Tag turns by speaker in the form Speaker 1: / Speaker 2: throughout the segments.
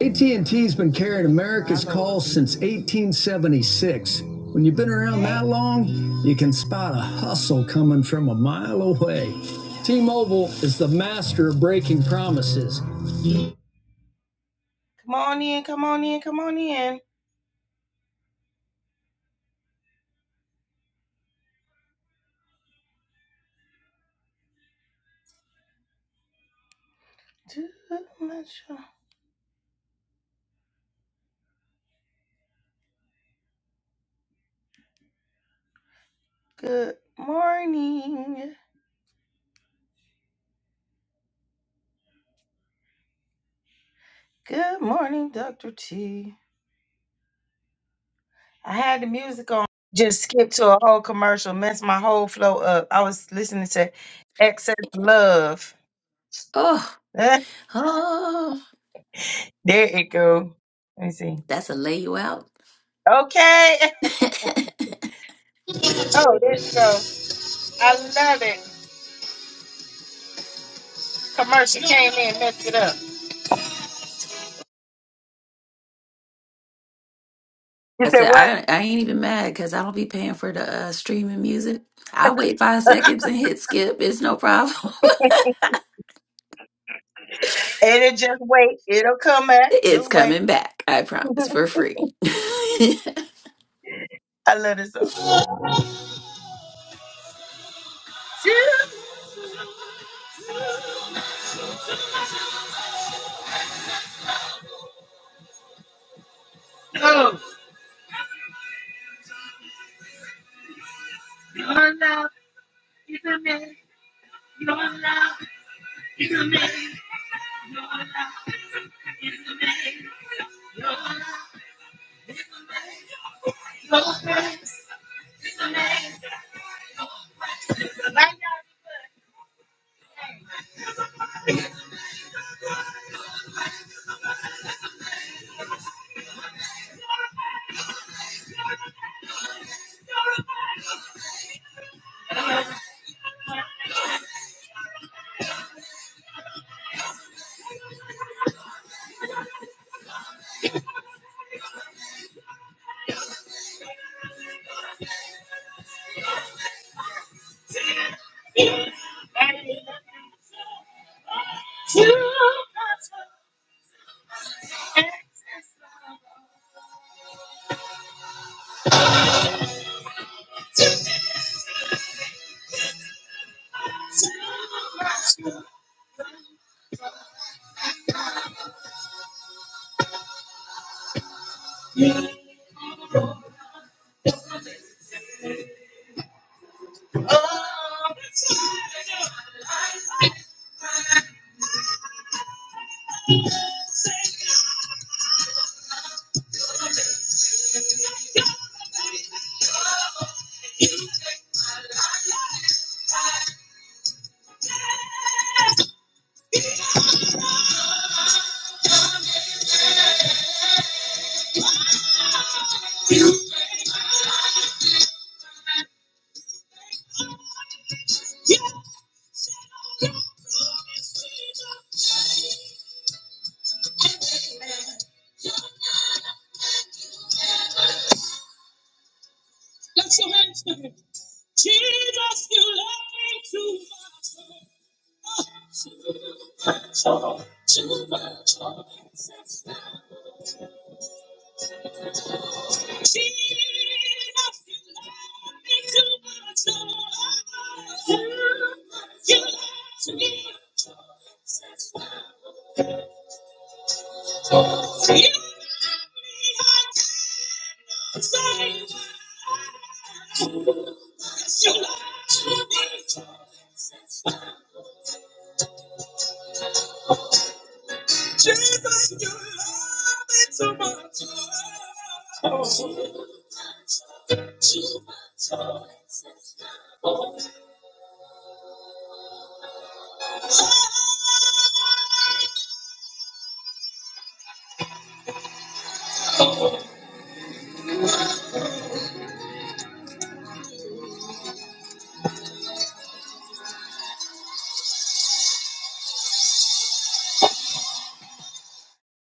Speaker 1: AT&T's been carrying America's calls since 1876. When you've been around that long, you can spot a hustle coming from a mile away. T-Mobile is the master of breaking promises. Come on in, come on in, come on in. Good morning. Good morning, Dr. T. I had the music on. Just skipped to a whole commercial, messed my whole flow up. I was listening to Excess Love.
Speaker 2: Oh, oh,
Speaker 1: There it go. Let me see.
Speaker 2: that's a lay you out.
Speaker 1: Okay. Oh, there you go. I love it. Commercial came in, messed it up. You
Speaker 2: I
Speaker 1: said
Speaker 2: said
Speaker 1: what?
Speaker 2: I I ain't even mad because I don't be paying for the uh, streaming music. I wait five seconds and hit skip. It's no problem.
Speaker 1: And it just wait. It'll come back.
Speaker 2: it's
Speaker 1: Just wait.
Speaker 2: coming back. I promise for free. it
Speaker 1: I love this up.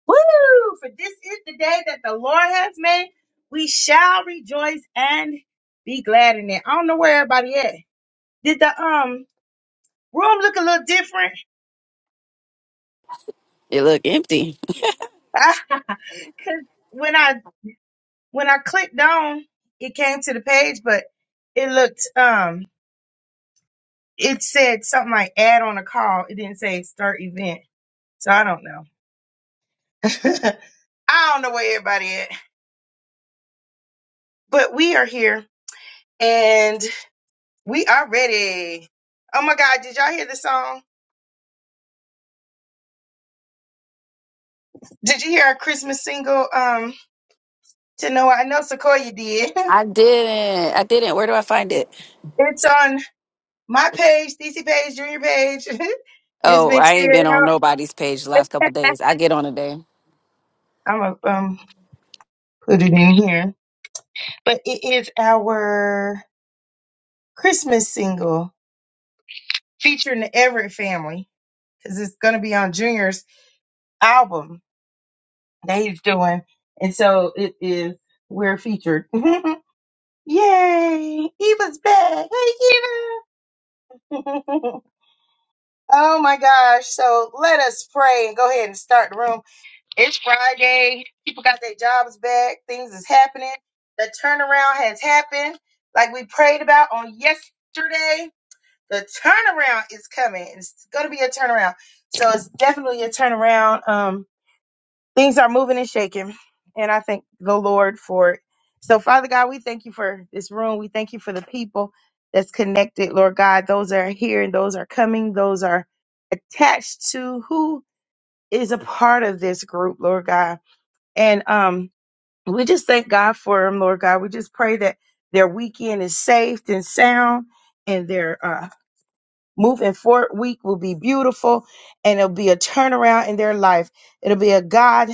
Speaker 1: Woo! For this is the day that the Lord has made. We shall rejoice and be glad in it. I don't know where everybody at. Did the um room look a little different?
Speaker 2: look empty.
Speaker 1: Cause when I when I clicked on, it came to the page, but it looked um it said something like add on a call. It didn't say start event. So I don't know. I don't know where everybody at. But we are here and we are ready. Oh my God, did y'all hear the song? Did you hear our Christmas single? Um, to know I know Sequoia did.
Speaker 2: I didn't. I didn't. Where do I find it?
Speaker 1: it's on my page, DC page, junior page. it's
Speaker 2: Oh,
Speaker 1: been
Speaker 2: I ain't been
Speaker 1: shared
Speaker 2: on
Speaker 1: out.
Speaker 2: nobody's page the last couple days. I get on a day.
Speaker 1: I'm gonna um put it in here. But it is our Christmas single featuring the Everett family because it's going to be on Junior's album that he's doing. And so it is, we're featured. Yay! Eva's back. Hey, Eva. oh my gosh. So let us pray and go ahead and start the room. It's Friday. People got their jobs back. Things is happening. The turnaround has happened. Like we prayed about on yesterday, the turnaround is coming. It's going to be a turnaround. So it's definitely a turnaround. Um, things are moving and shaking. And I thank the Lord for it. So, Father God, we thank you for this room. We thank you for the people that's connected, Lord God. Those that are here and those are coming, those are attached to who is a part of this group, Lord God. And um, we just thank God for them, Lord God. We just pray that their weekend is safe and sound and their uh, moving forward week will be beautiful and it'll be a turnaround in their life. It'll be a God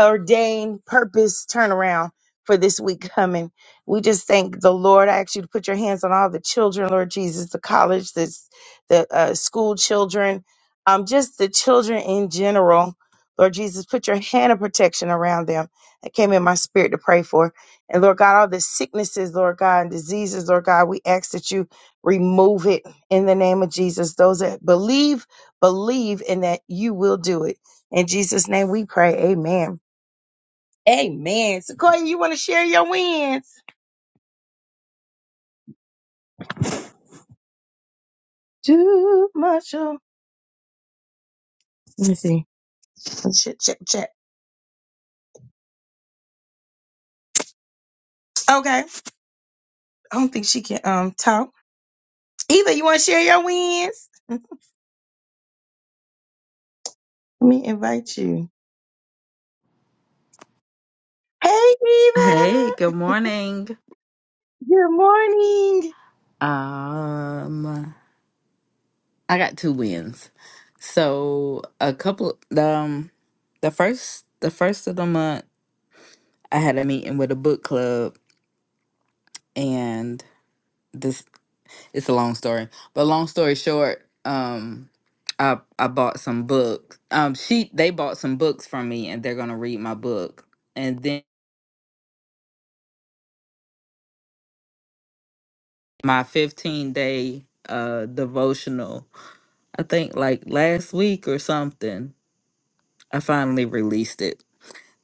Speaker 1: ordained purpose turnaround for this week coming. We just thank the Lord. I ask you to put your hands on all the children, Lord Jesus, the college, the the uh, school children, um, just the children in general. Lord Jesus, put your hand of protection around them. That came in my spirit to pray for. And Lord God, all the sicknesses, Lord God, and diseases, Lord God, we ask that you remove it in the name of Jesus. Those that believe, believe, in that you will do it. In Jesus' name we pray. Amen. Amen. Sequoia, you want to share your wins? Too much. of- Let me see. Check, check, check. Okay. I don't think she can um talk. Eva, you want to share your wins? Let me invite you. Hey,
Speaker 3: Hey,
Speaker 1: Eva.
Speaker 3: good morning.
Speaker 1: Good morning.
Speaker 3: Um, I got two wins. So a couple, um, the first, the first of the month, I had a meeting with a book club, and this it's a long story. But long story short, um, I I bought some books. Um, she they bought some books from me, and they're gonna read my book. And then my fifteen day uh devotional, I think like last week or something I finally released it.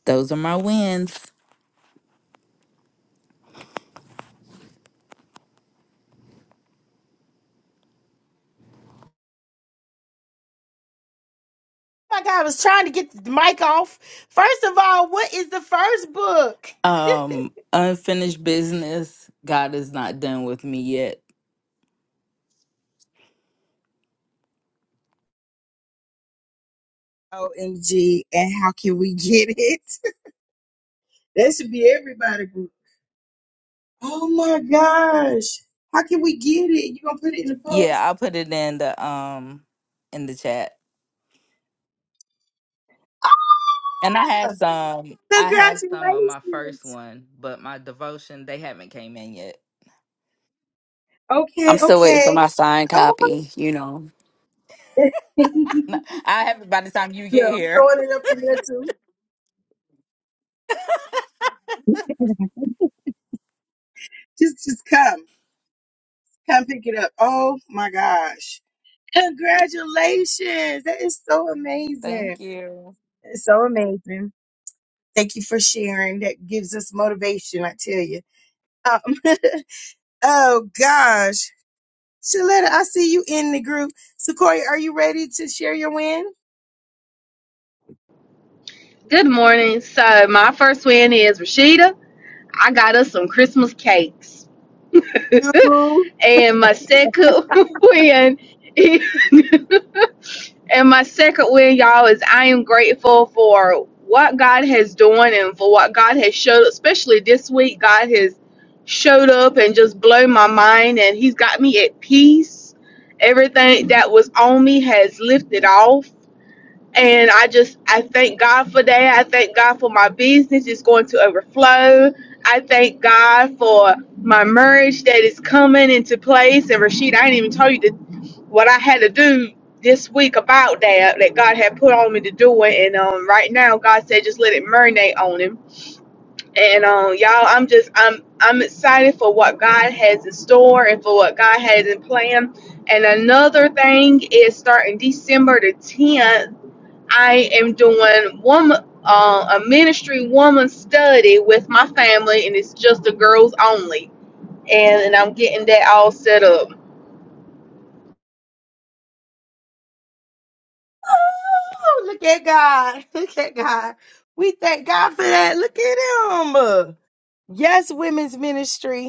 Speaker 3: Those are my wins.
Speaker 1: Like I was trying to get the mic off. First of all, what is the first book?
Speaker 3: Um, unfinished business. God is not done with me yet.
Speaker 1: OMG. And how can we get it? That should be everybody. book. Oh my gosh. How can we get it? You gonna put it in the post?
Speaker 3: Yeah, I put it in the um in the chat. And I have
Speaker 1: Oh,
Speaker 3: some I have some of my first
Speaker 1: Congratulations.
Speaker 3: one, but my devotion, they haven't came in yet.
Speaker 2: I'm
Speaker 1: Okay,
Speaker 2: still waiting for
Speaker 1: okay.
Speaker 2: my signed
Speaker 1: Oh,
Speaker 2: copy. You know.
Speaker 3: No, I have it by the time you
Speaker 1: yeah,
Speaker 3: get
Speaker 1: I'm
Speaker 3: here.
Speaker 1: throwing it up in there too. Just, just come, come pick it up. Oh my gosh. Congratulations. That is so
Speaker 3: Thank
Speaker 1: amazing.
Speaker 3: you.
Speaker 1: It's so amazing. Thank you for sharing. That gives us motivation. I tell you. Um, oh gosh. Shaletta, I see you in the group. Sequoia, are you ready to share your win?
Speaker 4: Good morning. So my first win is Rashida. I got us some Christmas cakes.
Speaker 1: Oh,
Speaker 4: And my second win is- and my second win, y'all, is I am grateful for what God has done and for what God has showed, especially this week. God has showed up and just blown my mind and He's got me at peace. Everything that was on me has lifted off and I just, I thank God for that. I thank God for my business is going to overflow. I thank God for my marriage that is coming into place. And Rashid, I didn't even tell you the, what I had to do this week about that, that God had put on me to do it. And um, right now, God said, just let it marinate on him. And um, y'all, I'm just, I'm, I'm excited for what God has in store and for what God has in plan. And another thing is starting December the 10th. I am doing woman uh, a ministry woman study with my family, and it's just the girls only. And, and I'm getting that all set up.
Speaker 1: look at God. Look at God. We thank God for that. Look at him. Yes, women's ministry.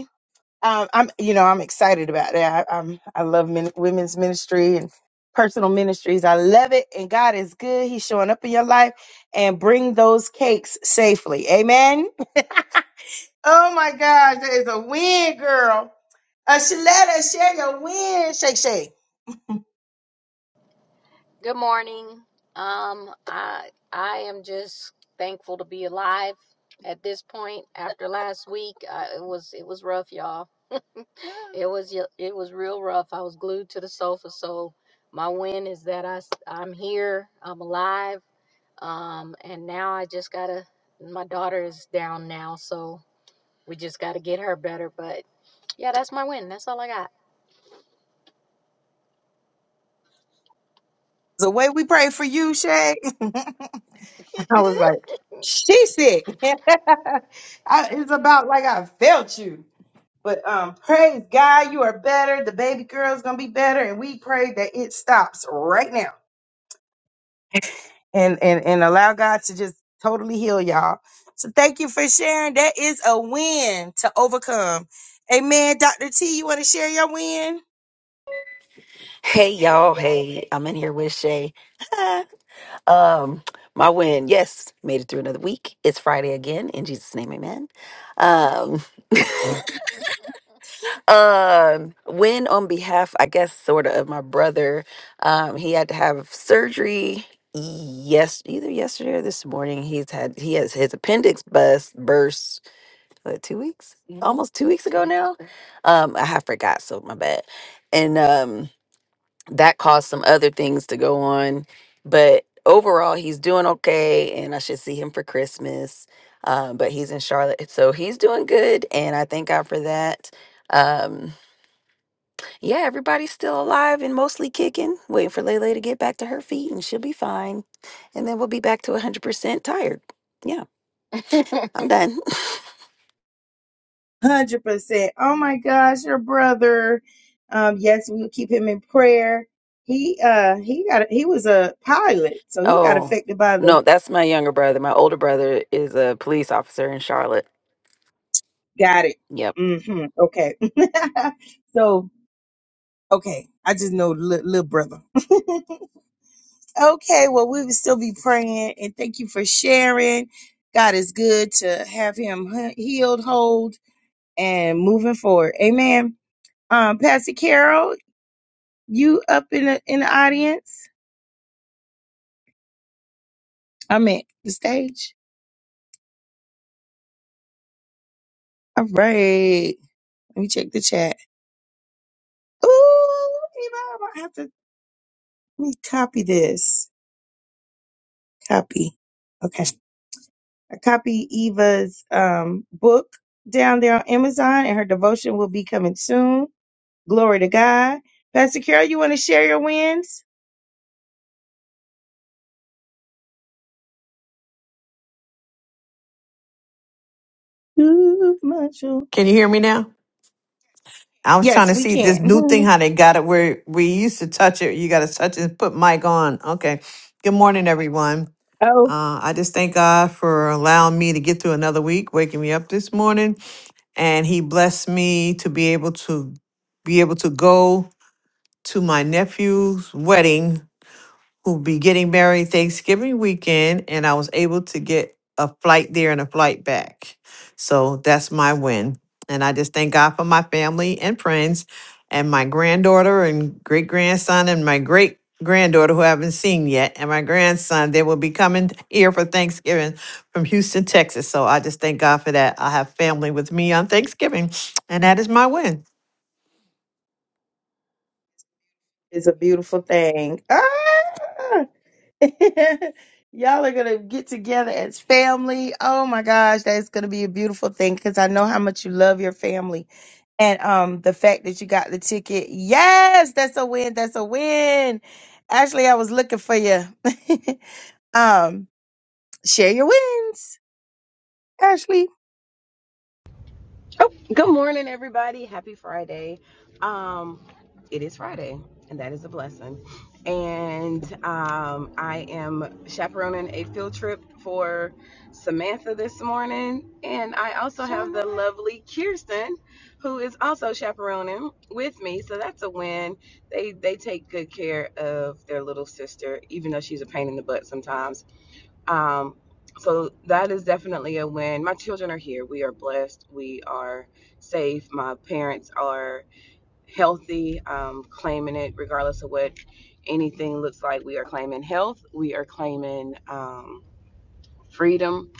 Speaker 1: um, I'm, you know, I'm excited about that. I, I'm, I love men, women's ministry and personal ministries. I love it, and God is good. He's showing up in your life and bring those cakes safely. Amen. Oh my gosh, that is a win, girl. A Shaletta, share your win, shake, shake.
Speaker 5: Good morning. Um, I I am just thankful to be alive at this point. After last week, uh, it was it was rough, y'all. It was y- it was real rough. I was glued to the sofa. So my win is that i s- I'm here. I'm alive. Um, and now I just gotta. My daughter is down now, so we just gotta get her better. But yeah, that's my win. That's all I got.
Speaker 1: The way we pray for you, Shay. I was like, she sick. I- it's about like I felt you. But um, praise God, you are better. The baby girl's gonna be better, and we pray that it stops right now and and and allow God to just totally heal y'all. So thank you for sharing. That is a win to overcome. Amen. Dr. T, you want to share your win?
Speaker 2: Hey y'all, hey, I'm in here with Shay. Um, my win. Yes, made it through another week. It's Friday again. In Jesus' name, amen. Um, um, win on behalf, I guess, sort of, of my brother. Um, he had to have surgery yes either yesterday or this morning he's had he has his appendix bust burst what, two weeks Mhm. almost two weeks ago now um i have forgot so my bad and um that caused some other things to go on. But overall, he's doing okay, and I should see him for Christmas. Um, but he's in Charlotte, so he's doing good, and I thank God for that. Um, yeah, everybody's still alive and mostly kicking, waiting for Lele to get back to her feet, and she'll be fine. And then we'll be back to 100% tired. Yeah, I'm done.
Speaker 1: Hundred percent. Oh my gosh, your brother. Um, yes, we will keep him in prayer. He uh he got he was a pilot, so he got
Speaker 2: Oh,
Speaker 1: affected by the
Speaker 2: no, that's my younger brother. My older brother is a police officer in Charlotte.
Speaker 1: got it.
Speaker 2: Yep.
Speaker 1: Mm-hmm. Okay. so okay, I just know li- little brother. okay, well we will still be praying and thank you for sharing. God is good to have him he- healed, hold, and moving forward. Amen. Um, Pastor Carol, you up in the in the audience? I meant the stage. All right. Let me check the chat. Ooh, Eva, I'm gonna have to let me copy this. Copy. Okay. I copy Eva's um book down there on Amazon and her devotion will be coming soon. Glory to God. Pastor Carol, you wanna share your wins? Ooh, Marshall.
Speaker 6: Can you hear me now? I was trying
Speaker 1: Yes,
Speaker 6: to
Speaker 1: we
Speaker 6: see this new thing
Speaker 1: can.
Speaker 6: how they got it where we used to touch it. You got to touch it, and put mic on. Okay. Good morning, everyone. Uh, I just thank God for allowing me to get through another week, waking me up this morning, and He blessed me to be able to be able to go to my nephew's wedding who'll be getting married Thanksgiving weekend, and I was able to get a flight there and a flight back. So that's my win. And I just thank God for my family and friends and my granddaughter and great grandson and my great granddaughter who I haven't seen yet and my grandson. They will be coming here for Thanksgiving from Houston, Texas. So I just thank God for that. I have family with me on Thanksgiving. And that is my win.
Speaker 1: It's a beautiful thing. Ah! Y'all are going to get together as family. Oh my gosh, that's going to be a beautiful thing because I know how much you love your family. And um the fact that you got the ticket. Yes, that's a win. That's a win. Ashley, I was looking for you. um share your wins. Ashley.
Speaker 7: Good morning, everybody. Happy Friday. Um, it is Friday, and that is a blessing. And um, I am chaperoning a field trip for Samantha this morning. And I also have the lovely Kirsten, who is also chaperoning with me. So that's a win. They they take good care of their little sister, even though she's a pain in the butt sometimes. Um, so that is definitely a win. My children are here. We are blessed. We are safe. My parents are healthy, um, claiming it regardless of what anything looks like. We are claiming health. We are claiming um, freedom.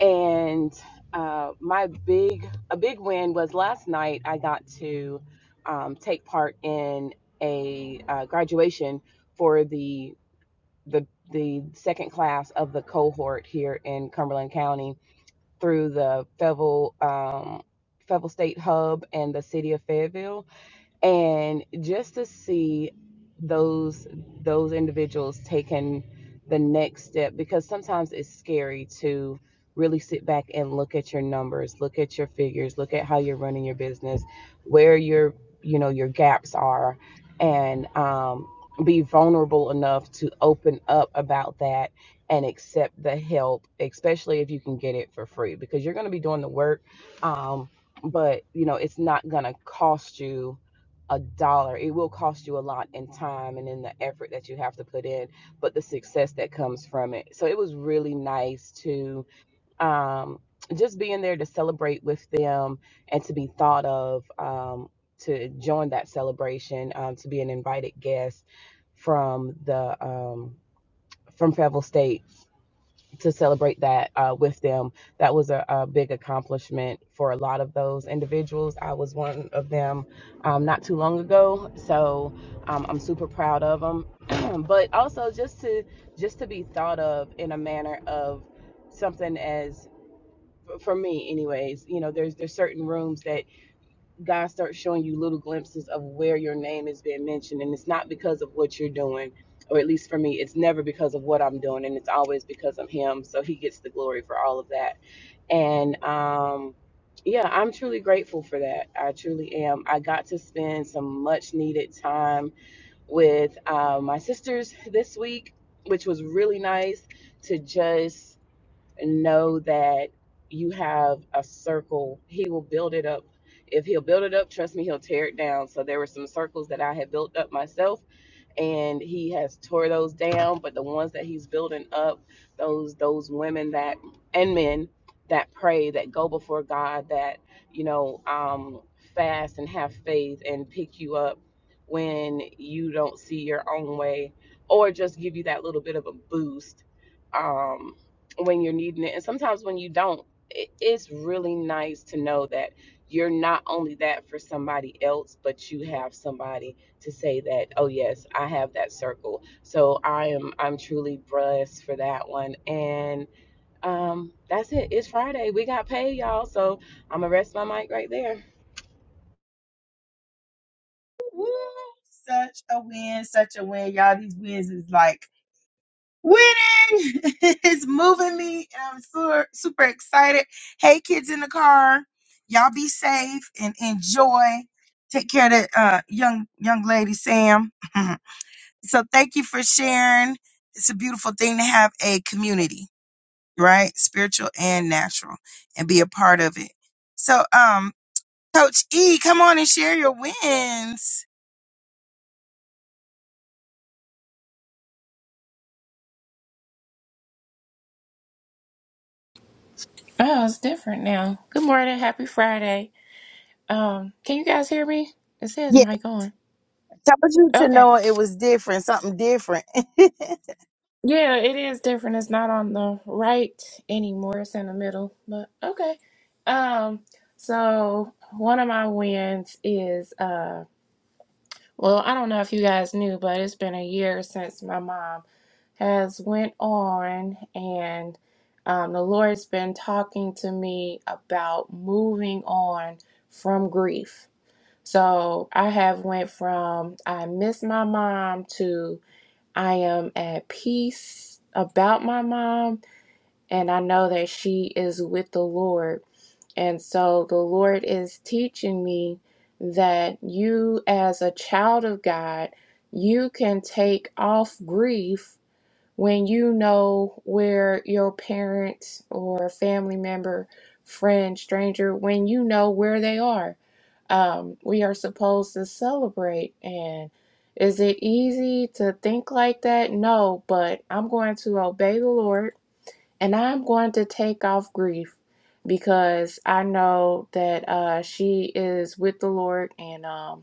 Speaker 7: And uh, my big, a big win was last night I got to um, take part in a uh, graduation for the the the second class of the cohort here in Cumberland County through the Fayetteville um, Fayetteville State Hub and the City of Fayetteville and just to see those those individuals taking the next step because sometimes it's scary to really sit back and look at your numbers look at your figures look at how you're running your business where your you know your gaps are and um, be vulnerable enough to open up about that and accept the help especially if you can get it for free because you're going to be doing the work um, but you know it's not going to cost you a dollar. It will cost you a lot in time and in the effort that you have to put in, but the success that comes from it. So it was really nice to um, just be in there to celebrate with them and to be thought of um, to join that celebration, um, to be an invited guest from the um, from Fayetteville State to celebrate that uh, with them. That was a, a big accomplishment for a lot of those individuals. I was one of them um, not too long ago, so um, I'm super proud of them. but also just to just to be thought of in a manner of something as for me anyways you know there's there's certain rooms that God starts showing you little glimpses of where your name is being mentioned. And it's not because of what you're doing, or at least for me, it's never because of what I'm doing, and it's always because of Him. So He gets the glory for all of that. And um, yeah, I'm truly grateful for that. I truly am. I got to spend some much needed time with uh, my sisters this week, which was really nice to just know that you have a circle. He will build it up. If he'll build it up, trust me, he'll tear it down. So there were some circles that I had built up myself and he has tore those down but the ones that he's building up those those women that and men that pray that go before god that you know um fast and have faith and pick you up when you don't see your own way or just give you that little bit of a boost um when you're needing it and sometimes when you don't it, it's really nice to know that you're not only that for somebody else but you have somebody to say that oh yes i have that circle so i am i'm truly blessed for that one and um that's it it's friday we got paid y'all so i'm gonna rest my mic right there
Speaker 1: Woo! Such a win, such a win. Y'all, these wins is like winning. it's moving me. And I'm super, super excited. Hey, kids in the car, y'all be safe and enjoy. Take care of that uh, young young lady, Sam. so thank you for sharing. It's a beautiful thing to have a community, right? Spiritual and natural, and be a part of it. So, um, Coach E, come on and share your wins.
Speaker 8: Oh, it's different now. Good morning, happy Friday. Um, can you guys hear me? It says mic on.
Speaker 1: Told you to
Speaker 8: Okay.
Speaker 1: know it was different, something different.
Speaker 8: Yeah, it is different. It's not on the right anymore. It's in the middle. But okay. Um, so one of my wins is uh well, I don't know if you guys knew, but it's been a year since my mom has went on and um the Lord's been talking to me about moving on from grief So I have went from I miss my mom to I am at peace about my mom and I know that she is with the Lord. And so the Lord is teaching me that you as a child of God, you can take off grief when you know where your parents or family member, friend, stranger, when you know where they are um, we are supposed to celebrate. And is it easy to think like that? No, but I'm going to obey the Lord and I'm going to take off grief because I know that uh, she is with the Lord. And um,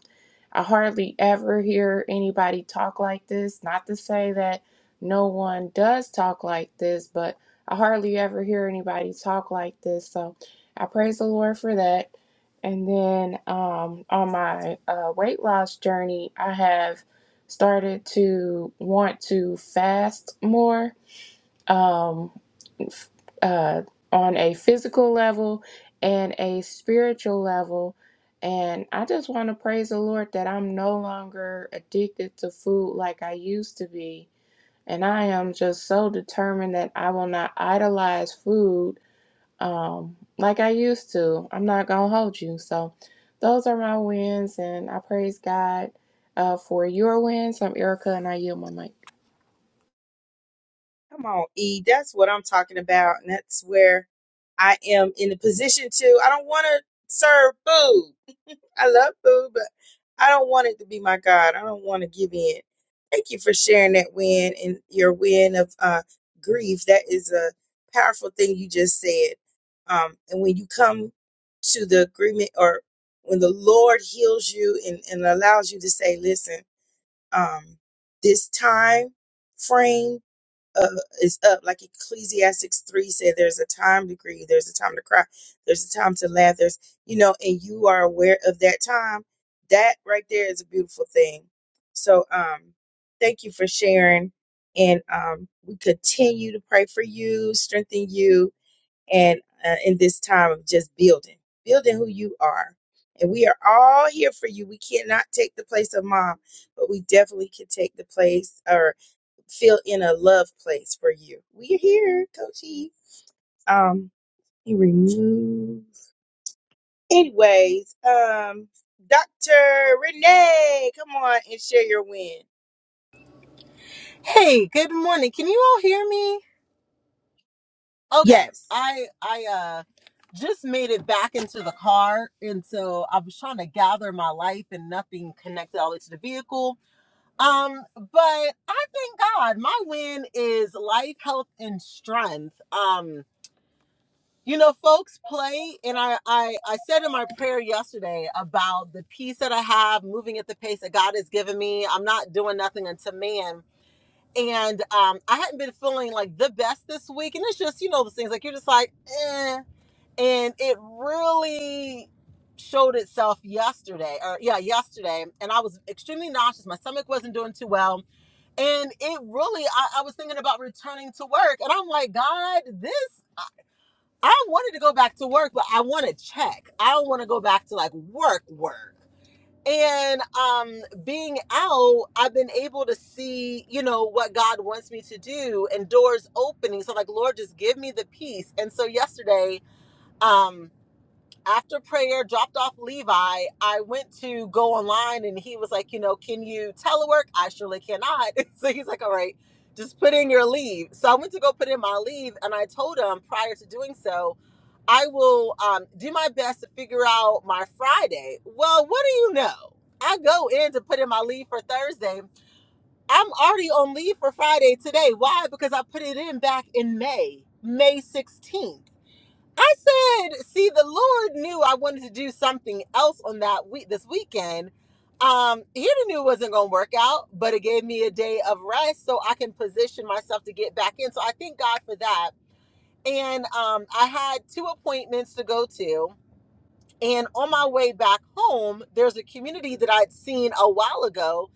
Speaker 8: I hardly ever hear anybody talk like this. Not to say that no one does talk like this, but I hardly ever hear anybody talk like this. So I praise the Lord for that. And then um, on my uh, weight loss journey, I have started to want to fast more. Um, uh, on a physical level and a spiritual level. And I just want to praise the Lord that I'm no longer addicted to food like I used to be. And I am just so determined that I will not idolize food um, like I used to. I'm not going to hold you. So, those are my wins, and I praise God uh, for your wins. I'm Erica, and I yield my mic.
Speaker 1: Come on, E. That's what I'm talking about. And that's where I am in the position to. I don't want to serve food. I love food, but I don't want it to be my God. I don't want to give in. Thank you for sharing that win and your win of uh, grief. That is a powerful thing you just said. Um, and when you come to the agreement or when the Lord heals you and, and allows you to say, listen, um, this time frame uh, is up. Like Ecclesiastics 3 said, there's a time to grieve, there's a time to cry, there's a time to laugh, there's, you know, and you are aware of that time. That right there is a beautiful thing. So um, thank you for sharing. And um, we continue to pray for you, strengthen you, and uh, in this time of just building, building who you are. And we are all here for you. We cannot take the place of mom, but we definitely can take the place or fill in a love place for you. We're here, Coach E. Um, he removed. Anyways, um, Dr. Renee, come on and share your win.
Speaker 9: Hey, good morning. Can you all hear me? Okay.
Speaker 1: Yes.
Speaker 9: I I uh just made it back into the car and so I was trying to gather my life and nothing connected all the way to the vehicle. Um, but I thank God my win is life, health, and strength. Um, you know, folks play and I I I said in my prayer yesterday about the peace that I have moving at the pace that God has given me. I'm not doing nothing unto man and um, I hadn't been feeling like the best this week, and it's just you know those things like you're just like, eh. and it really showed itself yesterday, or yeah, yesterday, and I was extremely nauseous. My stomach wasn't doing too well, and it really I, I was thinking about returning to work, and I'm like, God, this. I I wanted to go back to work, but I want to check. I don't want to go back to like work work and um being out i've been able to see you know what god wants me to do and doors opening so like lord just give me the peace and so yesterday um, after prayer, dropped off Levi. I went to go online and he was like, you know, can you telework? I surely cannot. so he's like, all right, just put in your leave. So I went to go put in my leave and I told him prior to doing so, I will um, do my best to figure out my Friday. Well, what do you know? I go in to put in my leave for Thursday. I'm already on leave for Friday today. Why? Because I put it in back in May, May 16th. I said, see, the Lord knew I wanted to do something else on that week this weekend. Um, he knew it wasn't gonna work out, but it gave me a day of rest so I can position myself to get back in. So I thank God for that. And um, I had two appointments to go to. And on my way back home, there's a community that I'd seen a while ago.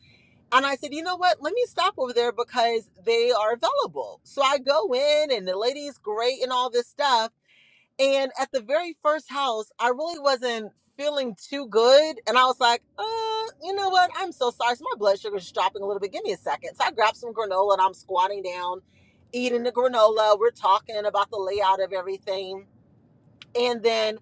Speaker 9: And I said, you know what? Let me stop over there because they are available. So I go in, and the lady's great and all this stuff. And at the very first house, I really wasn't feeling too good. And I was like, uh, you know what? I'm so sorry. So my blood sugar is dropping a little bit. Give me a second. So I grabbed some granola and I'm squatting down, eating the granola. We're talking about the layout of everything. And then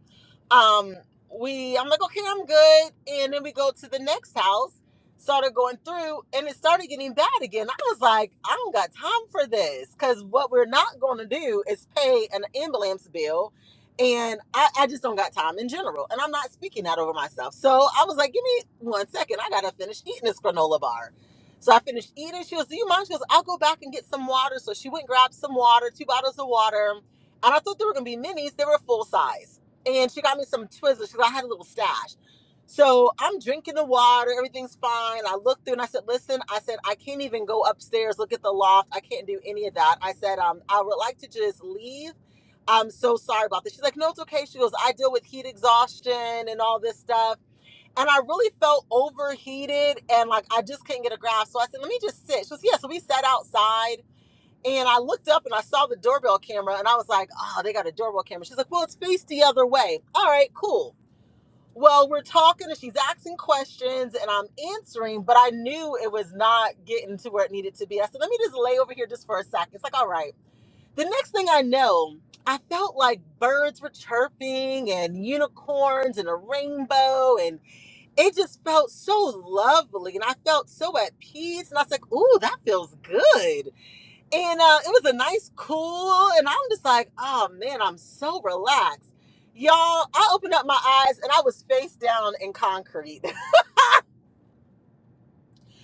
Speaker 9: um we i'm like okay i'm good and then we go to the next house started going through and it started getting bad again i was like i don't got time for this because what we're not going to do is pay an ambulance bill and I, I just don't got time in general and i'm not speaking that over myself so i was like give me one second i gotta finish eating this granola bar so i finished eating she goes do you mind she goes i'll go back and get some water so she went and grabbed some water two bottles of water and i thought they were gonna be minis they were full size and she got me some Twizzlers because I had a little stash. So I'm drinking the water, everything's fine. I looked through and I said, "Listen," I said, "I can't even go upstairs, look at the loft. I can't do any of that." I said, um, "I would like to just leave. I'm so sorry about this." She's like, "No, it's okay." She goes, "I deal with heat exhaustion and all this stuff." And I really felt overheated and like I just couldn't get a grasp. So I said, "Let me just sit." She goes, "Yeah." So we sat outside and I looked up and I saw the doorbell camera and I was like, oh, they got a doorbell camera. She's like, well, it's faced the other way. All right, cool. Well, we're talking and she's asking questions and I'm answering, but I knew it was not getting to where it needed to be. I said, let me just lay over here just for a second. It's like, all right. The next thing I know, I felt like birds were chirping and unicorns and a rainbow and it just felt so lovely and I felt so at peace. And I was like, ooh, that feels good and uh, it was a nice cool and i'm just like oh man i'm so relaxed y'all i opened up my eyes and i was face down in concrete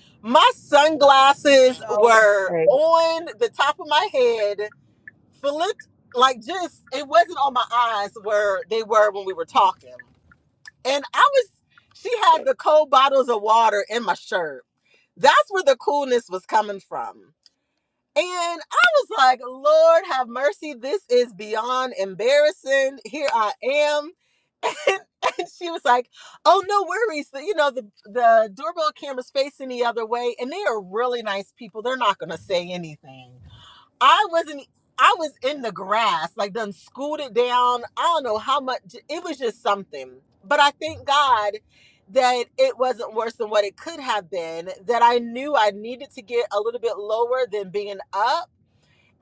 Speaker 9: my sunglasses
Speaker 1: Oh,
Speaker 9: were
Speaker 1: Okay.
Speaker 9: on the top of my head flipped like just it wasn't on my eyes where they were when we were talking and i was she had the cold bottles of water in my shirt that's where the coolness was coming from And I was like, Lord have mercy, this is beyond embarrassing. Here I am. And she was like, Oh, no worries. You know, the, the doorbell camera's facing the other way, and they are really nice people. They're not gonna say anything. I wasn't e, I was in the grass, like done scooted down. I don't know how much it was just something. But I thank God that it wasn't worse than what it could have been, that I knew I needed to get a little bit lower than being up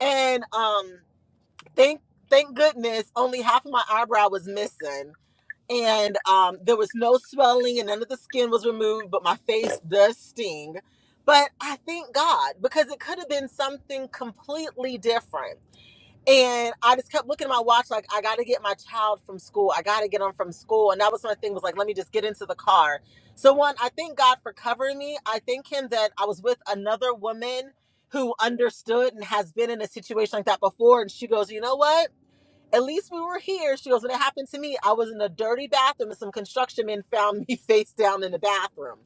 Speaker 9: and um thank thank goodness only half of my eyebrow was missing and um there was no swelling and none of the skin was removed but my face does sting but i thank god because it could have been something completely different and I just kept looking at my watch, like, I gotta get my child from school. I gotta get him from school. And that was my thing, was like, let me just get into the car. So one, I thank God for covering me. I thank him that I was with another woman who understood and has been in a situation like that before. And she goes, You know what? At least we were here. She goes, When it happened to me, I was in a dirty bathroom and some construction men found me face down in the bathroom.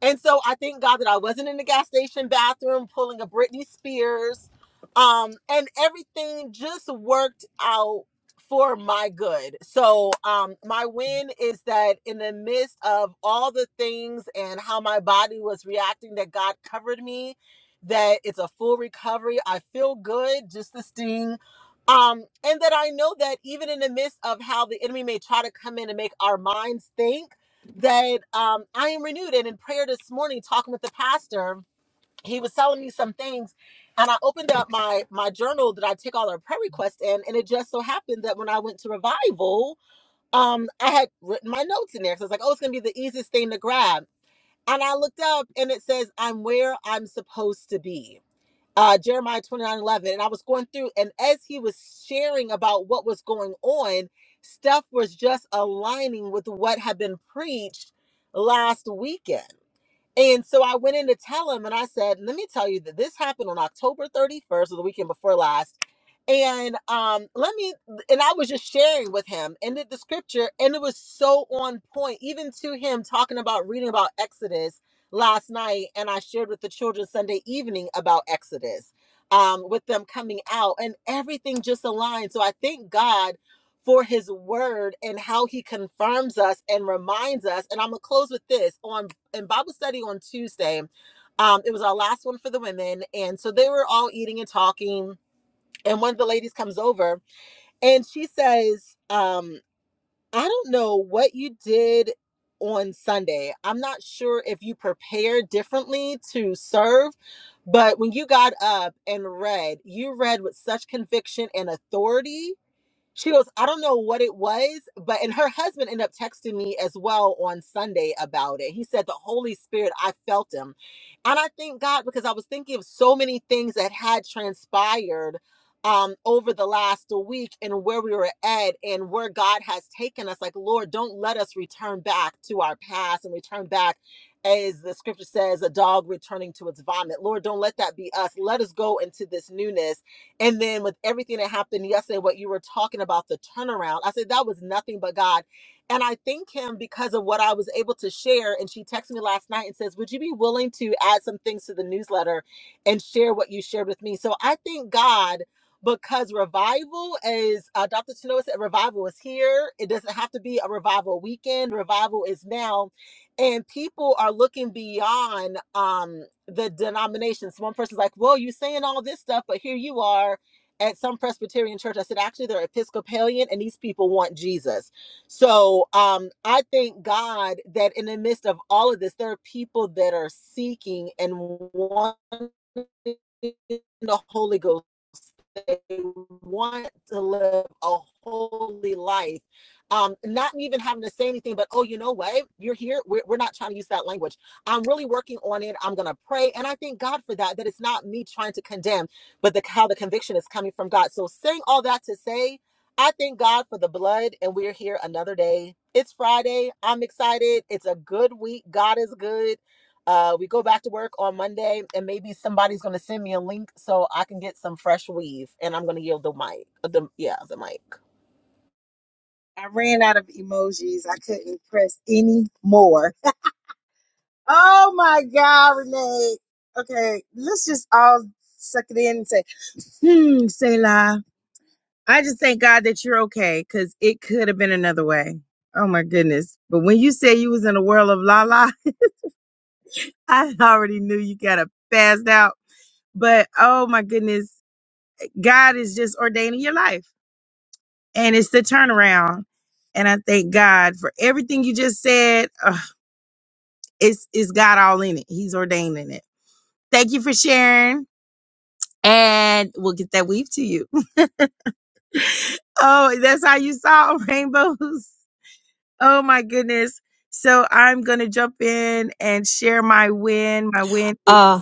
Speaker 9: And so I thank God that I wasn't in the gas station bathroom pulling a Britney Spears. Um, and everything just worked out for my good. So um my win is that in the midst of all the things and how my body was reacting, that God covered me, that it's a full recovery. I feel good, just the sting. Um, and that I know that even in the midst of how the enemy may try to come in and make our minds think that um, I am renewed. And in prayer this morning, talking with the pastor, he was telling me some things, and I opened up my my journal that I take all our prayer requests in, and it just so happened that when I went to revival, um, I had written my notes in there. So I was like, oh, it's gonna be the easiest thing to grab. And I looked up, and it says, "I'm where I'm supposed to be." uh, Jeremiah 29 11, And I was going through, and as he was sharing about what was going on, stuff was just aligning with what had been preached last weekend. And so I went in to tell him, and I said, "Let me tell you that this happened on October 31st, or the weekend before last." And um, let me, and I was just sharing with him, and the scripture, and it was so on point, even to him talking about reading about Exodus last night, and I shared with the children Sunday evening about Exodus, um, with them coming out, and everything just aligned. So I thank God for His Word and how He confirms us and reminds us. And I'm gonna close with this on in Bible study on Tuesday. Um, it was our last one for the women. And so they were all eating and talking. And one of the ladies comes over and she says, um, I don't know what you did on Sunday. I'm not sure if you prepared differently to serve, but when you got up and read, you read with such conviction and authority she goes, I don't know what it was, but and her husband ended up texting me as well on Sunday about it. He said the Holy Spirit, I felt him. And I thank God because I was thinking of so many things that had transpired um over the last week and where we were at and where God has taken us. Like, Lord, don't let us return back to our past and return back as the scripture says, a dog returning to its vomit. Lord, don't let that be us. Let us go into this newness and then with everything that happened yesterday, what you were talking about, the turnaround, I said that was nothing but God. And I thank him because of what I was able to share. And she texted me last night and says, Would you be willing to add some things to the newsletter and share what you shared with me? So I thank God because revival is, uh, Dr. Tanoa said, revival is here. It doesn't have to be a revival weekend, revival is now. And people are looking beyond. Um, the denominations. One person's like, well, you're saying all this stuff, but here you are at some Presbyterian church. I said, actually, they're Episcopalian and these people want Jesus. So um, I thank God that in the midst of all of this, there are people that are seeking and wanting the Holy Ghost they want to live a holy life. Um, not even having to say anything, but oh, you know what? You're here. We're, we're not trying to use that language. I'm really working on it. I'm going to pray. And I thank God for that, that it's not me trying to condemn, but the, how the conviction is coming from God. So, saying all that to say, I thank God for the blood, and we're here another day. It's Friday. I'm excited. It's a good week. God is good. Uh, we go back to work on Monday, and maybe somebody's going to send me a link so I can get some fresh weave. And I'm going to yield the mic. uh, The yeah, the mic.
Speaker 1: I ran out of emojis. I couldn't press any more. Oh my God, Renee. Okay, let's just all suck it in and say, hmm, Selah. I just thank God that you're okay because it could have been another way. Oh my goodness. But when you said you was in a world of la la, I already knew you got to passed out. But oh my goodness, God is just ordaining your life and it's the turnaround. And I thank God for everything you just said. Ugh, it's, it's God all in it. He's ordaining it. Thank you for sharing. and we'll get that weave to you. Oh, that's how you saw rainbows. Oh my goodness. So I'm going to jump in and share my win. My win is
Speaker 6: Uh,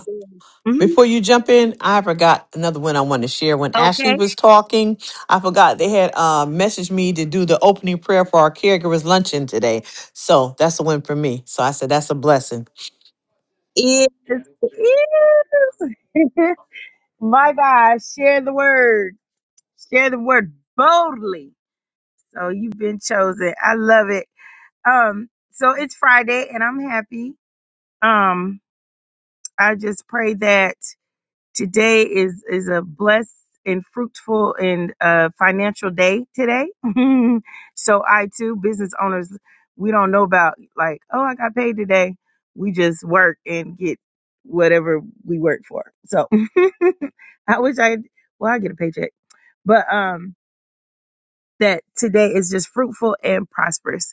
Speaker 1: Mhm.
Speaker 6: Before you jump in, I forgot another one I want to share. When Ashley
Speaker 1: okay.
Speaker 6: was talking, I forgot they had uh, messaged me to do the opening prayer for our caregivers luncheon today. So that's a win for me. So I said that's a blessing.
Speaker 1: Is is my God, share the word. Share the word boldly. So you've been chosen. I love it. Um so it's Friday and I'm happy. Um I just pray that Today is is a blessed and fruitful and uh, financial day today. so I too, business owners, we don't know about like, oh, I got paid today. We just work and get whatever we work for. So I wish I well, I get a paycheck, but um, that today is just fruitful and prosperous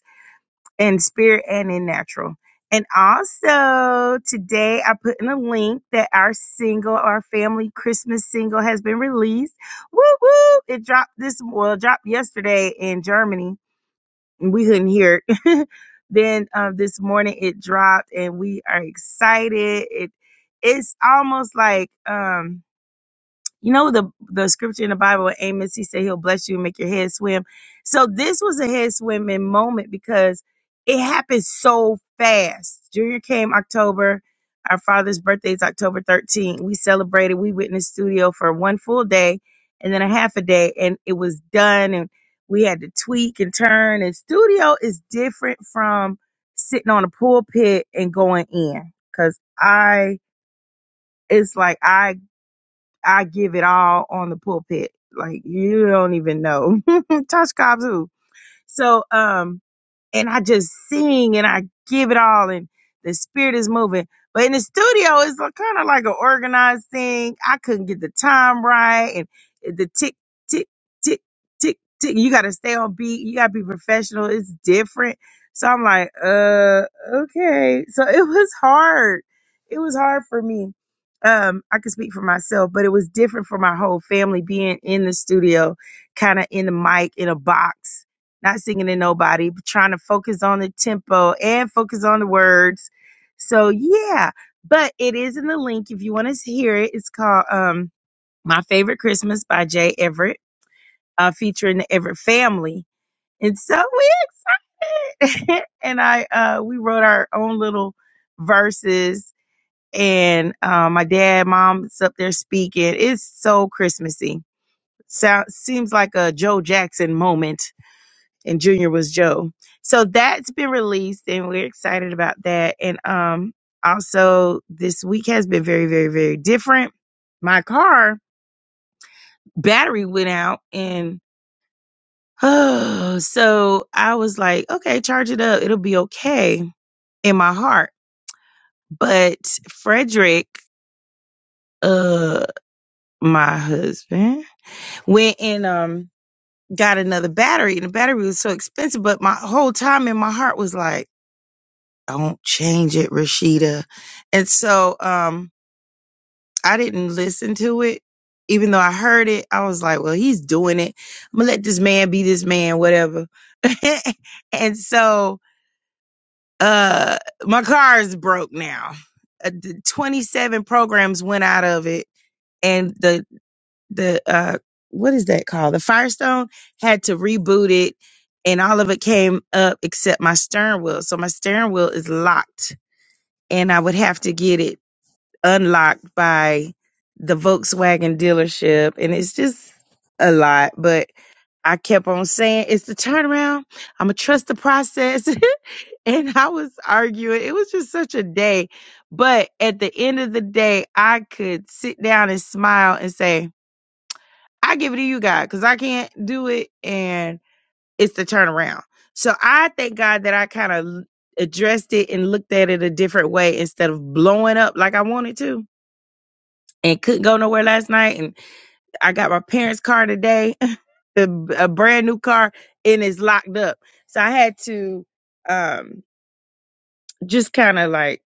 Speaker 1: in spirit and in natural. And also today I put in a link that our single, our family Christmas single has been released. Woo woo. It dropped this well, it dropped yesterday in Germany. And we couldn't hear it. then um, this morning it dropped and we are excited. It it's almost like um you know the the scripture in the Bible, with Amos, he said he'll bless you and make your head swim. So this was a head swimming moment because it happened so fast. Junior came October. Our father's birthday is October 13th. We celebrated. We went in the studio for one full day and then a half a day, and it was done. And we had to tweak and turn. And studio is different from sitting on a pulpit and going in because I it's like I I give it all on the pulpit. Like you don't even know. Touch cops. So, um, and I just sing and I give it all, and the spirit is moving. But in the studio, it's kind of like an organized thing. I couldn't get the time right, and the tick, tick, tick, tick, tick. You got to stay on beat. You got to be professional. It's different. So I'm like, uh, okay. So it was hard. It was hard for me. Um, I could speak for myself, but it was different for my whole family being in the studio, kind of in the mic in a box not singing to nobody, but trying to focus on the tempo and focus on the words. So yeah, but it is in the link if you want to hear it. It's called um My Favorite Christmas by Jay Everett, uh, featuring the Everett family. It's so weird. and I uh we wrote our own little verses and uh, my dad, mom's up there speaking. It's so Christmassy. Sounds seems like a Joe Jackson moment and Junior was Joe. So that's been released and we're excited about that. And um also this week has been very, very, very different. My car battery went out and oh so I was like, okay, charge it up. It'll be okay in my heart. But Frederick, uh my husband, went and um got another battery and the battery was so expensive, but my whole time in my heart was like Don't change it, Rashida. And so um I didn't listen to it. Even though I heard it, I was like, well, he's doing it. I'm gonna let this man be this man, whatever. and so uh my car is broke now. Uh, the 27 programs went out of it and the the uh what is that called? The Firestone had to reboot it and all of it came up except my steering wheel. So my steering wheel is locked and I would have to get it unlocked by the Volkswagen dealership. And it's just a lot. But I kept on saying, it's the turnaround. I'm going to trust the process. and I was arguing. It was just such a day. But at the end of the day, I could sit down and smile and say, I give it to you, God, because I can't do it. And it's the turnaround. So I thank God that I kind of addressed it and looked at it a different way instead of blowing up like I wanted to and couldn't go nowhere last night. And I got my parents' car today, a, a brand new car, and it's locked up. So I had to um, just kind of like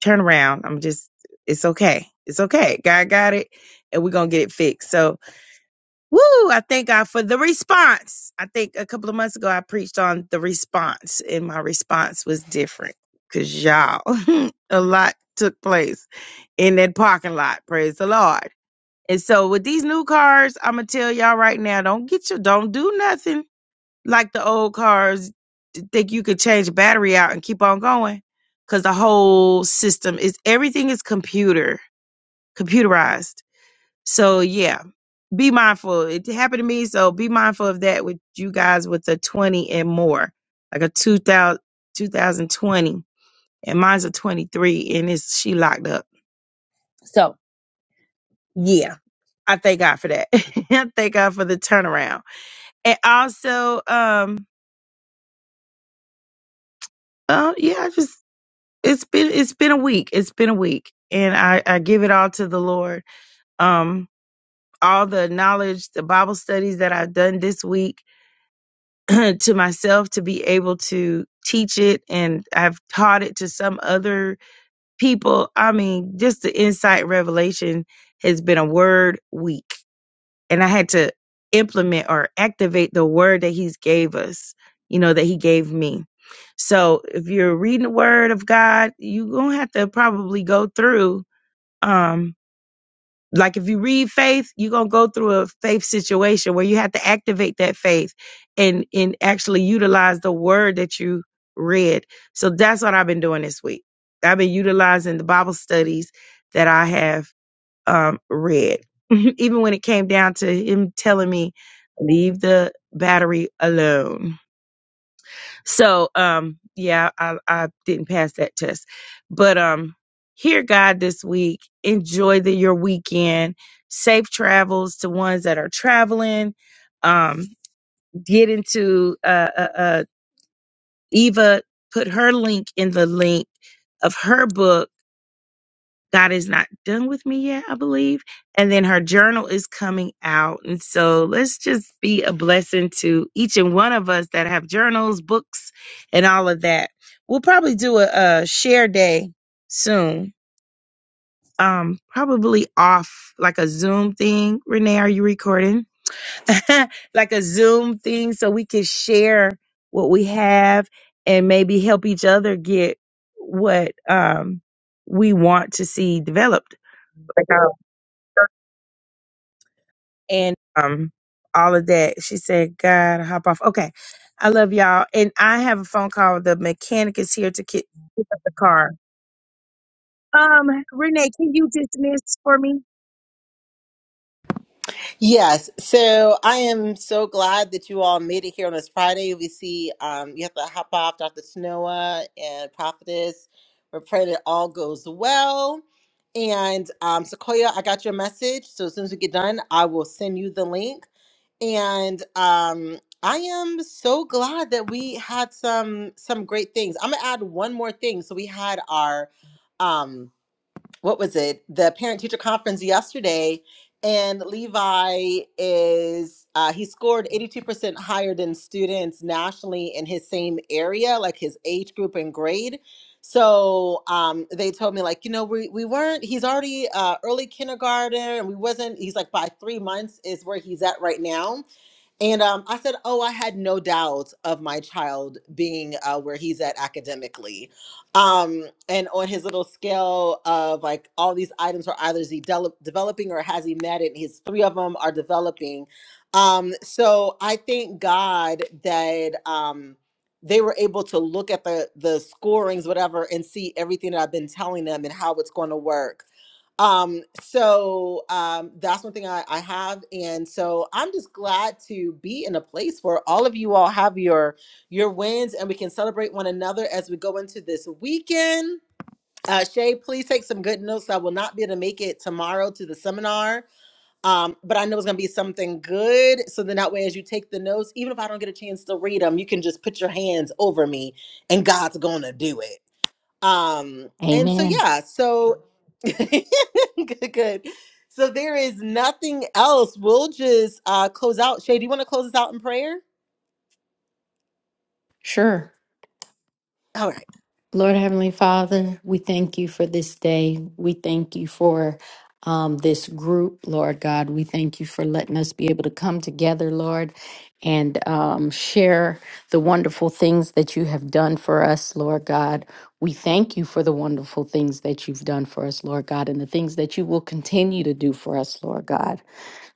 Speaker 1: turn around. I'm just, it's okay. It's okay. God got it, and we're going to get it fixed. So, woo, I thank God for the response. I think a couple of months ago, I preached on the response, and my response was different because y'all, a lot took place in that parking lot. Praise the Lord. And so with these new cars, I'm gonna tell y'all right now, don't get your don't do nothing like the old cars. to Think you could change the battery out and keep on going, because the whole system is everything is computer computerized. So yeah, be mindful. It happened to me, so be mindful of that with you guys with the 20 and more, like a 2000, and mine's a 23, and it's she locked up. Yeah, I thank God for that. I thank God for the turnaround And also, um, oh yeah, I just it's been it's been a week. It's been a week, and I I give it all to the Lord. Um, all the knowledge, the Bible studies that I've done this week to myself to be able to teach it, and I've taught it to some other people. I mean, just the insight revelation has been a word week. and I had to implement or activate the word that he's gave us, you know, that he gave me. So if you're reading the word of God, you're going to have to probably go through um like if you read faith, you're going to go through a faith situation where you have to activate that faith and and actually utilize the word that you read. So that's what I've been doing this week. I've been utilizing the Bible studies that I have um, read. Even when it came down to him telling me, leave the battery alone. So, um, yeah, I, I didn't pass that test. But um, hear God this week. Enjoy the, your weekend. Safe travels to ones that are traveling. Um, get into uh, uh, uh, Eva, put her link in the link of her book God is not done with me yet, I believe. And then her journal is coming out. And so let's just be a blessing to each and one of us that have journals, books, and all of that. We'll probably do a, a share day soon. Um, probably off like a Zoom thing. Renee, are you recording? like a Zoom thing so we can share what we have and maybe help each other get what um we want to see developed. Like, uh, and um all of that. She said, "God, hop off." Okay, I love y'all, and I have a phone call. The mechanic is here to get, pick up the car. Um, Renee, can you dismiss for me?
Speaker 9: Yes. So I am so glad that you all made it here on this Friday. We see um, you have to hop off Dr. Snowa and Prophetess. We're praying it all goes well. And um, Sequoia, I got your message. So as soon as we get done, I will send you the link. and um i am so glad that we had some some great things i'm gonna add one more thing so we had our um what was it the parent teacher conference yesterday and levi is uh, he scored 82% higher than students nationally in his same area like his age group and grade so um, they told me like you know we, we weren't he's already uh, early kindergarten and we wasn't he's like by three months is where he's at right now and um, I said, Oh, I had no doubt of my child being uh, where he's at academically. Um, and on his little scale of like all these items are either is he del- developing or has he met it? And His three of them are developing. Um, so I thank God that um, they were able to look at the the scorings, whatever, and see everything that I've been telling them and how it's going to work um so um that's one thing I, I have and so i'm just glad to be in a place where all of you all have your your wins and we can celebrate one another as we go into this weekend uh shay please take some good notes i will not be able to make it tomorrow to the seminar um but i know it's going to be something good so then that way as you take the notes even if i don't get a chance to read them you can just put your hands over me and god's going to do it um and so
Speaker 5: Amen.
Speaker 9: yeah so good good so there is nothing else we'll just uh close out shay do you want to close us out in prayer
Speaker 5: Sure.
Speaker 9: all right
Speaker 5: Lord Heavenly Father, we thank you for this day. We thank you for um, this group, Lord God. We thank you for letting us be able to come together, Lord, and um, share the wonderful things that you have done for us, Lord God. We thank you for the wonderful things that you've done for us, Lord God, and the things that you will continue to do for us, Lord God.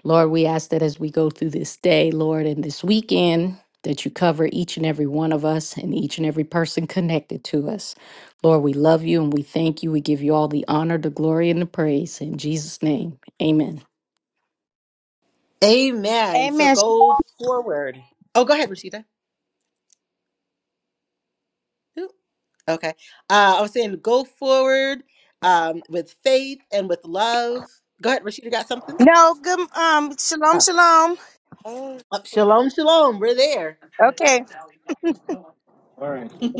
Speaker 5: Lord, we ask that as we go through this day, Lord, and this weekend, that you cover each and every one of us and each and every person connected to us. Lord, we love you and we thank you. We give you all the honor, the glory, and the praise. In Jesus' name, amen.
Speaker 9: amen so
Speaker 1: Amen.
Speaker 9: go forward oh go ahead rashida Ooh, okay uh i was saying go forward um with faith and with love go ahead rashida got something
Speaker 1: No, good um shalom,
Speaker 9: oh,
Speaker 1: shalom. Hey.
Speaker 9: oh, shalom shalom we're there
Speaker 1: Okay.